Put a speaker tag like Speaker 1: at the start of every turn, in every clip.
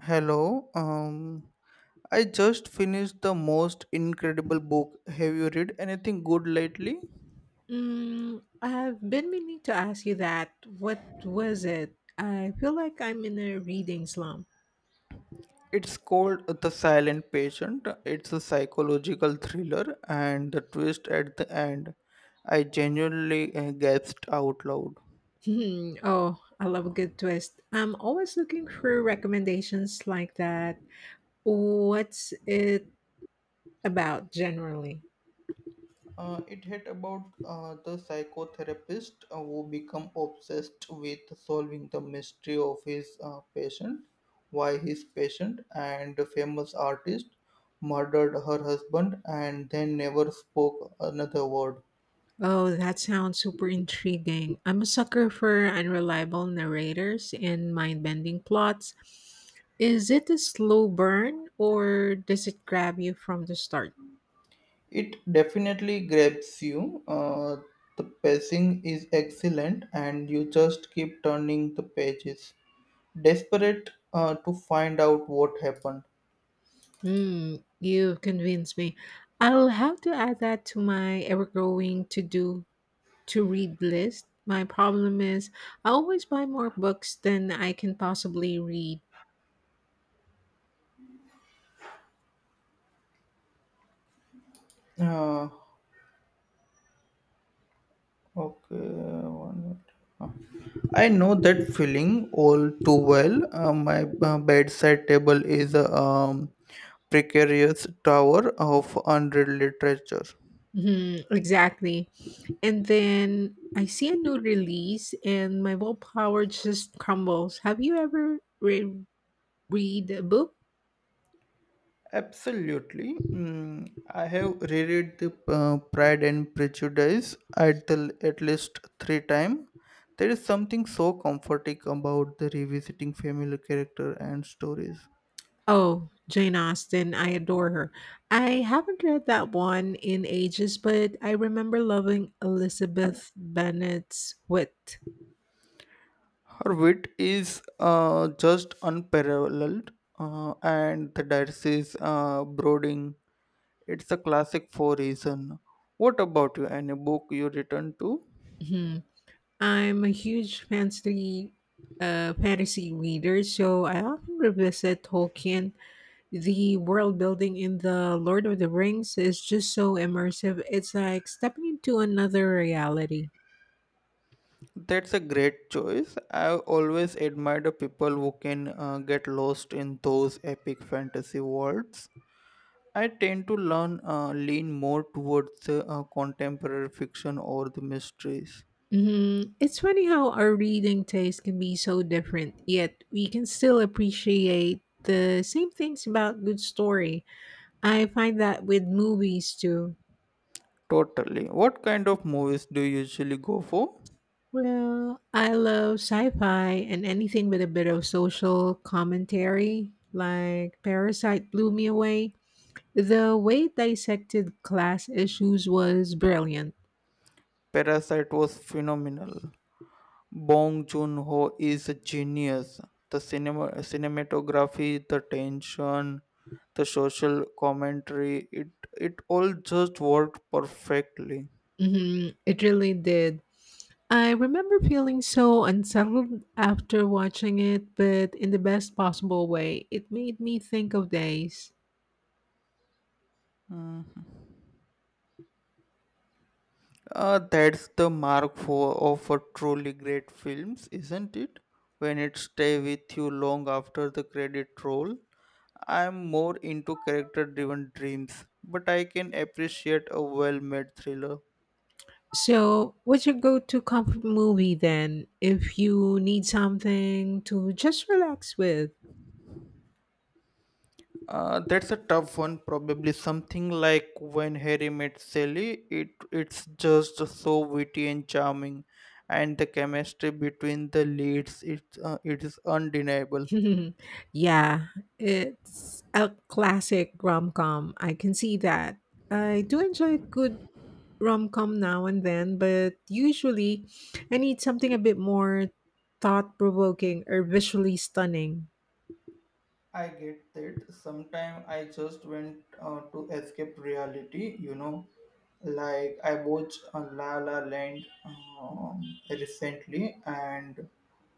Speaker 1: Hello. I just finished the most incredible book. Have you read anything good lately?
Speaker 2: Mm, I've been meaning to ask you that. What was it? I feel like I'm in a reading slump.
Speaker 1: It's called The Silent Patient. It's a psychological thriller, and the twist at the end, I genuinely gasped out loud.
Speaker 2: Hmm. Oh, I love a good twist. I'm always looking for recommendations like that. What's it about generally?
Speaker 1: It hit about the psychotherapist who become obsessed with solving the mystery of his patient, why his patient and the famous artist murdered her husband and then never spoke another word.
Speaker 2: Oh, that sounds super intriguing. I'm a sucker for unreliable narrators and mind bending plots. Is it a slow burn or does it grab you from the start?
Speaker 1: It definitely grabs you. The pacing is excellent, and you just keep turning the pages, desperate to find out what happened.
Speaker 2: Hmm, you convinced me. I'll have to add that to my ever-growing to-do to-read list. My problem is I always buy more books than I can possibly read.
Speaker 1: Uh, Okay, one minute. Uh, I know that feeling all too well. My bedside table is a precarious tower of unread literature.
Speaker 2: Hmm, exactly. And then I see a new release and my willpower just crumbles. Have you ever read a book?
Speaker 1: Absolutely. Mm, I have reread the Pride and Prejudice at, the, at least three times. There is something so comforting about the revisiting familiar character and stories.
Speaker 2: Oh, Jane Austen, I adore her. I haven't read that one in ages, but I remember loving Elizabeth Bennet's wit.
Speaker 1: Her wit is just unparalleled, and the dice is brooding. It's a classic for reason. What about you? Any book you return to?
Speaker 2: Mhm. I'm a huge fantasy reader, so I often revisit Tolkien. The world building in the Lord of the Rings is just so immersive. It's like stepping into another reality.
Speaker 1: That's a great choice. I always admire the people who can get lost in those epic fantasy worlds. I tend to learn lean more towards contemporary fiction or the mysteries.
Speaker 2: Hmm. It's funny how our reading taste can be so different, yet we can still appreciate the same things about good story. I find that with movies too.
Speaker 1: Totally. What kind of movies do you usually go for?
Speaker 2: Well, I love sci-fi and anything with a bit of social commentary, like Parasite blew me away. The way it dissected class issues was brilliant.
Speaker 1: Parasite was phenomenal. Bong Joon-ho is a genius. The cinema, cinematography, the tension, the social commentary, it all just worked perfectly.
Speaker 2: Hmm. It really did. I remember feeling so unsettled after watching it, but in the best possible way. It made me think of days.
Speaker 1: Mhm. That's the mark for of a truly great films, isn't it? When it stay with you long after the credit roll. I'm more into character driven dreams, but I can appreciate a well made thriller.
Speaker 2: So, what's your go to comfort movie then if you need something to just relax with?
Speaker 1: That's a tough one. Probably something like when Harry met Sally. It's just so witty and charming, and the chemistry between the leads it it is undeniable.
Speaker 2: Yeah, it's a classic rom com. I can see that. I do enjoy a good rom-com now and then, but usually I need something a bit more thought-provoking or visually stunning.
Speaker 1: I get that. Sometimes I just went to escape reality. You know, like I watched La La Land recently, and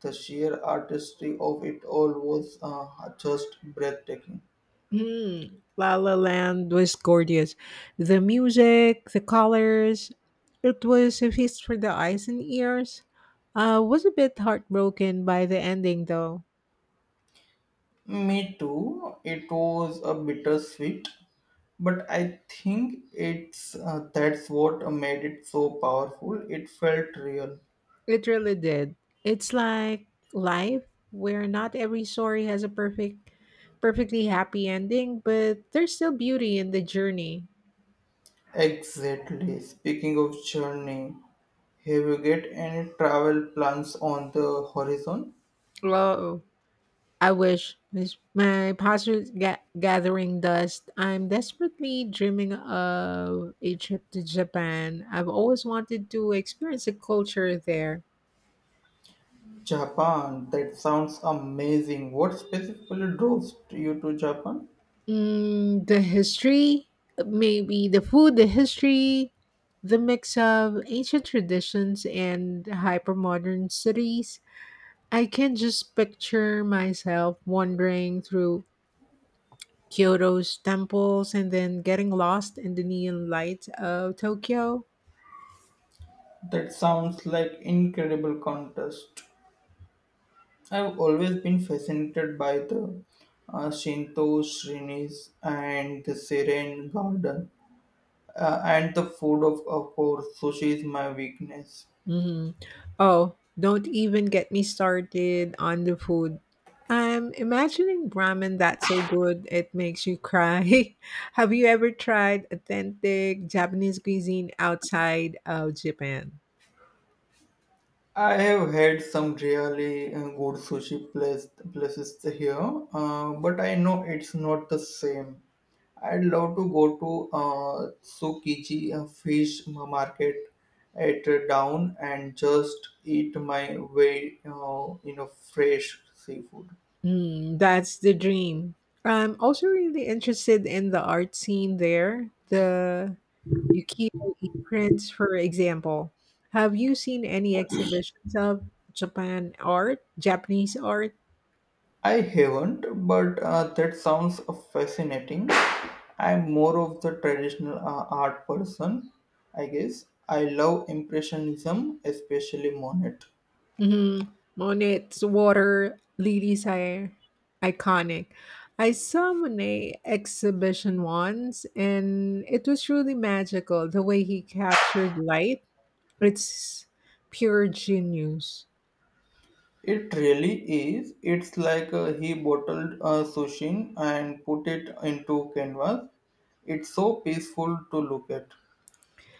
Speaker 1: the sheer artistry of it all was just breathtaking.
Speaker 2: Hmm. La La Land was gorgeous. The music, the colors, it was a feast for the eyes and ears. I was a bit heartbroken by the ending though.
Speaker 1: Me too. It was a bittersweet, but I think it's that's what made it so powerful. It felt real.
Speaker 2: It really did. It's like life where not every story has a perfectly happy ending, but there's still beauty in the journey.
Speaker 1: Exactly. Speaking of journey, have you get any travel plans on the horizon?
Speaker 2: Wow. I wish this my pastor's gathering dust. I'm desperately dreaming of a trip to Japan. I've always wanted to experience the culture there.
Speaker 1: Japan. That sounds amazing. What specifically draws you to Japan?
Speaker 2: Mm, the history, maybe the food, the history, the mix of ancient traditions and hyper modern cities. I can just picture myself wandering through Kyoto's temples and then getting lost in the neon lights of Tokyo.
Speaker 1: That sounds like incredible contest. I've always been fascinated by the Shinto shrines and the serene garden and the food of course sushi is my weakness.
Speaker 2: Mhm. Oh, don't even get me started on the food. I'm imagining ramen that's so good it makes you cry. Have you ever tried authentic Japanese cuisine outside of Japan?
Speaker 1: I have had some really places here, but I know it's not the same. I'd love to go to Tsukiji fish market at down and just eat my way, fresh seafood.
Speaker 2: Mm, that's the dream. I'm also really interested in the art scene there. The Yukio E. prints, for example. Have you seen any exhibitions of Japanese art?
Speaker 1: I haven't, but that sounds fascinating. I'm more of the traditional art person, I guess. I love Impressionism, especially Monet.
Speaker 2: Mm-hmm. Monet's water lilies are iconic. I saw Monet exhibition once, and it was really magical. The way he captured light, it's pure genius.
Speaker 1: It really is. It's like he bottled sushi and put it into canvas. It's so peaceful to look at.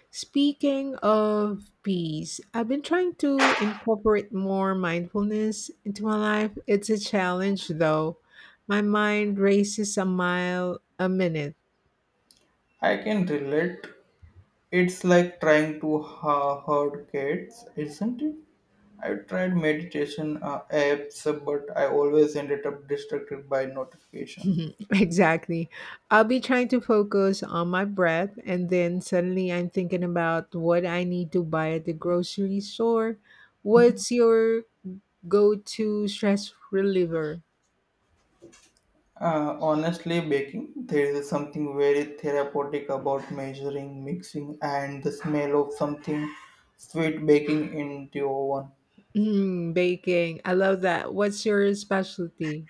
Speaker 2: Speaking of peace, I've been trying to incorporate more mindfulness into my life. It's a challenge though. My mind races a mile a minute.
Speaker 1: I can relate. It's like trying to herd cats, isn't it? I tried meditation apps, but I always ended up distracted by notification.
Speaker 2: Exactly. I'll be trying to focus on my breath, and then suddenly I'm thinking about what I need to buy at the grocery store. What's your go to stress reliever?
Speaker 1: Honestly, baking, there is something very therapeutic about measuring, mixing, and the smell of something sweet baking in the oven.
Speaker 2: Mm, baking. I love that. What's your specialty?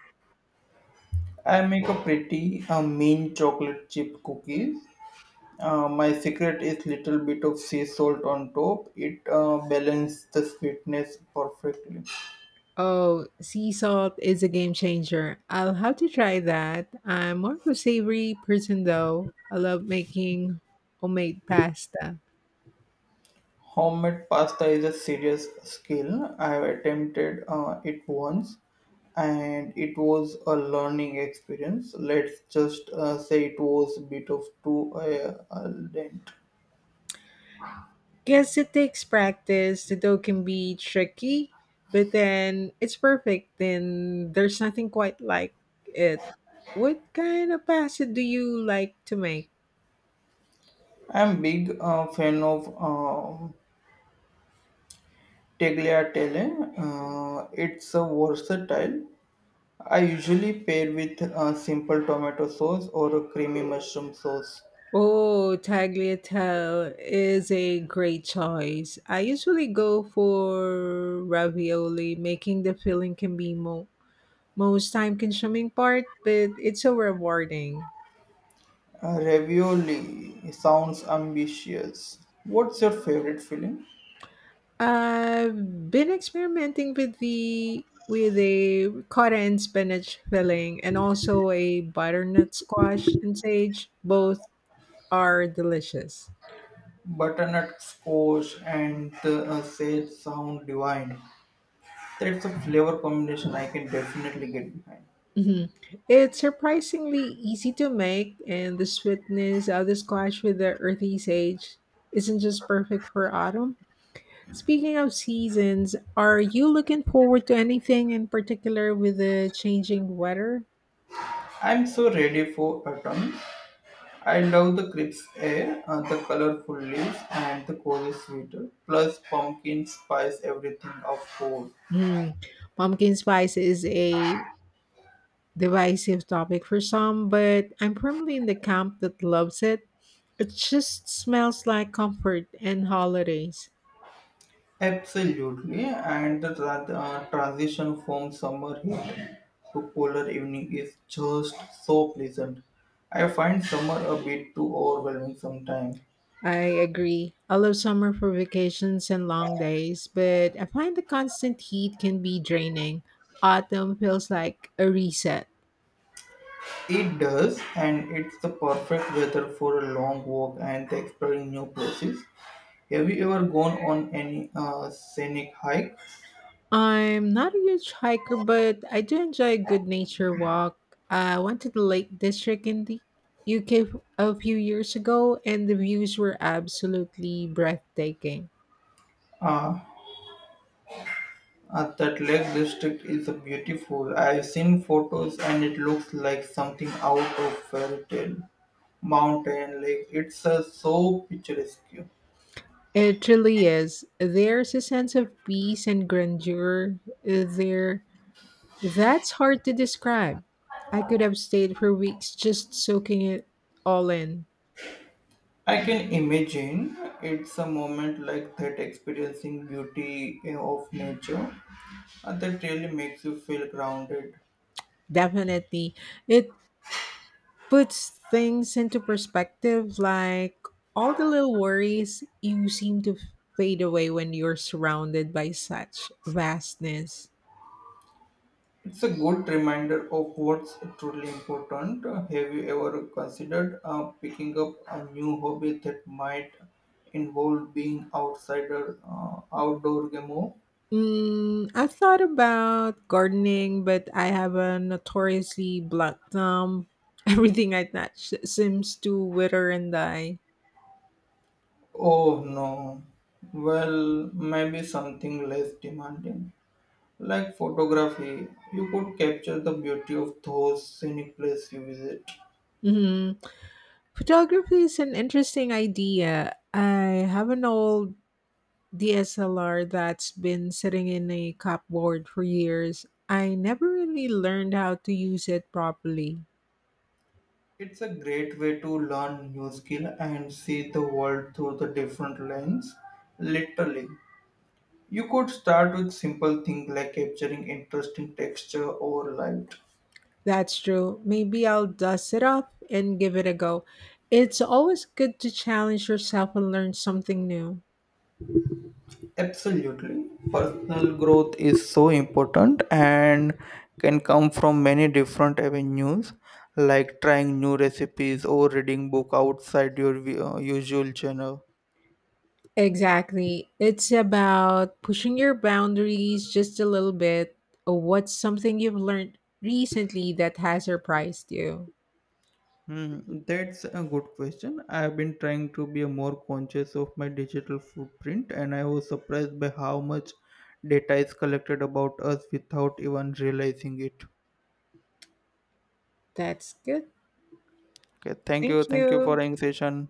Speaker 1: I make a pretty mean chocolate chip cookies. My secret is little bit of sea salt on top. It balances the sweetness perfectly.
Speaker 2: Oh, sea salt is a game changer. I'll have to try that. I'm more of a savory person though. I love making homemade pasta.
Speaker 1: Homemade pasta is a serious skill. I have attempted it once, and it was a learning experience. Let's just say it was a bit of too al dente.
Speaker 2: Guess it takes practice. The dough can be tricky, but then it's perfect. Then there's nothing quite like it. What kind of pasta do you like to make?
Speaker 1: I'm big fan of tagliatelle. It's a versatile. I usually pair with a simple tomato sauce or a creamy mushroom sauce.
Speaker 2: Oh, tagliatelle is a great choice. I usually go for ravioli. Making the filling can be most time-consuming part, but it's so rewarding.
Speaker 1: Ravioli sounds ambitious. What's your favorite filling?
Speaker 2: I've been experimenting with the with a ricotta and spinach filling, and also a butternut squash and sage. Both are delicious.
Speaker 1: Butternut squash and the sage sound divine. That's a flavor combination I can definitely get behind.
Speaker 2: Mhm. It's surprisingly easy to make, and the sweetness of the squash with the earthy sage isn't just perfect for autumn. Speaking of seasons, are you looking forward to anything in particular with the changing weather?
Speaker 1: I'm so ready for autumn. I love the crisp air, the colorful leaves, and the cozy sweater, plus pumpkin spice everything, of course.
Speaker 2: Hmm. Pumpkin spice is a divisive topic for some, but I'm firmly in the camp that loves it. It just smells like comfort and holidays.
Speaker 1: Absolutely, and the transition from summer heat to cooler evening is just so pleasant. I find summer a bit too overwhelming sometimes.
Speaker 2: I agree. I love summer for vacations and long days, but I find the constant heat can be draining. Autumn feels like a reset.
Speaker 1: It does, and it's the perfect weather for a long walk and exploring new places. Have you ever gone on any scenic hike?
Speaker 2: I'm not a huge hiker, but I do enjoy a good nature walk. I went to the Lake District in the UK a few years ago, and the views were absolutely breathtaking.
Speaker 1: Uh, that lake district is beautiful. I've seen photos and it looks like something out of fairy tale. Mountain lake. It's so picturesque.
Speaker 2: It truly is. There's a sense of peace and grandeur there. That's hard to describe. I could have stayed for weeks just soaking it all in.
Speaker 1: I can imagine it's a moment like that, experiencing beauty of nature. That really makes you feel grounded.
Speaker 2: Definitely. It puts things into perspective, like all the little worries you seem to fade away when you're surrounded by such vastness.
Speaker 1: It's a good reminder of what's truly important. Have you ever considered picking up a new hobby that might involve being outdoor game?
Speaker 2: Mm, I thought about gardening, but I have a notoriously blunt thumb. Everything I touch seems to wither and die.
Speaker 1: Oh no. Well, maybe something less demanding, like photography. You could capture the beauty of those scenic places you visit.
Speaker 2: Mhm. Photography is an interesting idea. I have an old DSLR that's been sitting in a cupboard for years. I never really learned how to use it properly.
Speaker 1: It's a great way to learn new skill and see the world through the different lens, literally. You could start with simple things like capturing interesting texture or light.
Speaker 2: That's true. Maybe I'll dust it up and give it a go. It's always good to challenge yourself and learn something new.
Speaker 1: Absolutely. Personal growth is so important and can come from many different avenues like trying new recipes or reading book outside your usual channel.
Speaker 2: Exactly. It's about pushing your boundaries just a little bit. What's something you've learned recently that has surprised you?
Speaker 1: Hmm, that's a good question. I've been trying to be more conscious of my digital footprint, and I was surprised by how much data is collected about us without even realizing it.
Speaker 2: That's good.
Speaker 1: Okay, thank you.
Speaker 2: Thank
Speaker 1: Thank you for
Speaker 2: you.
Speaker 1: having session.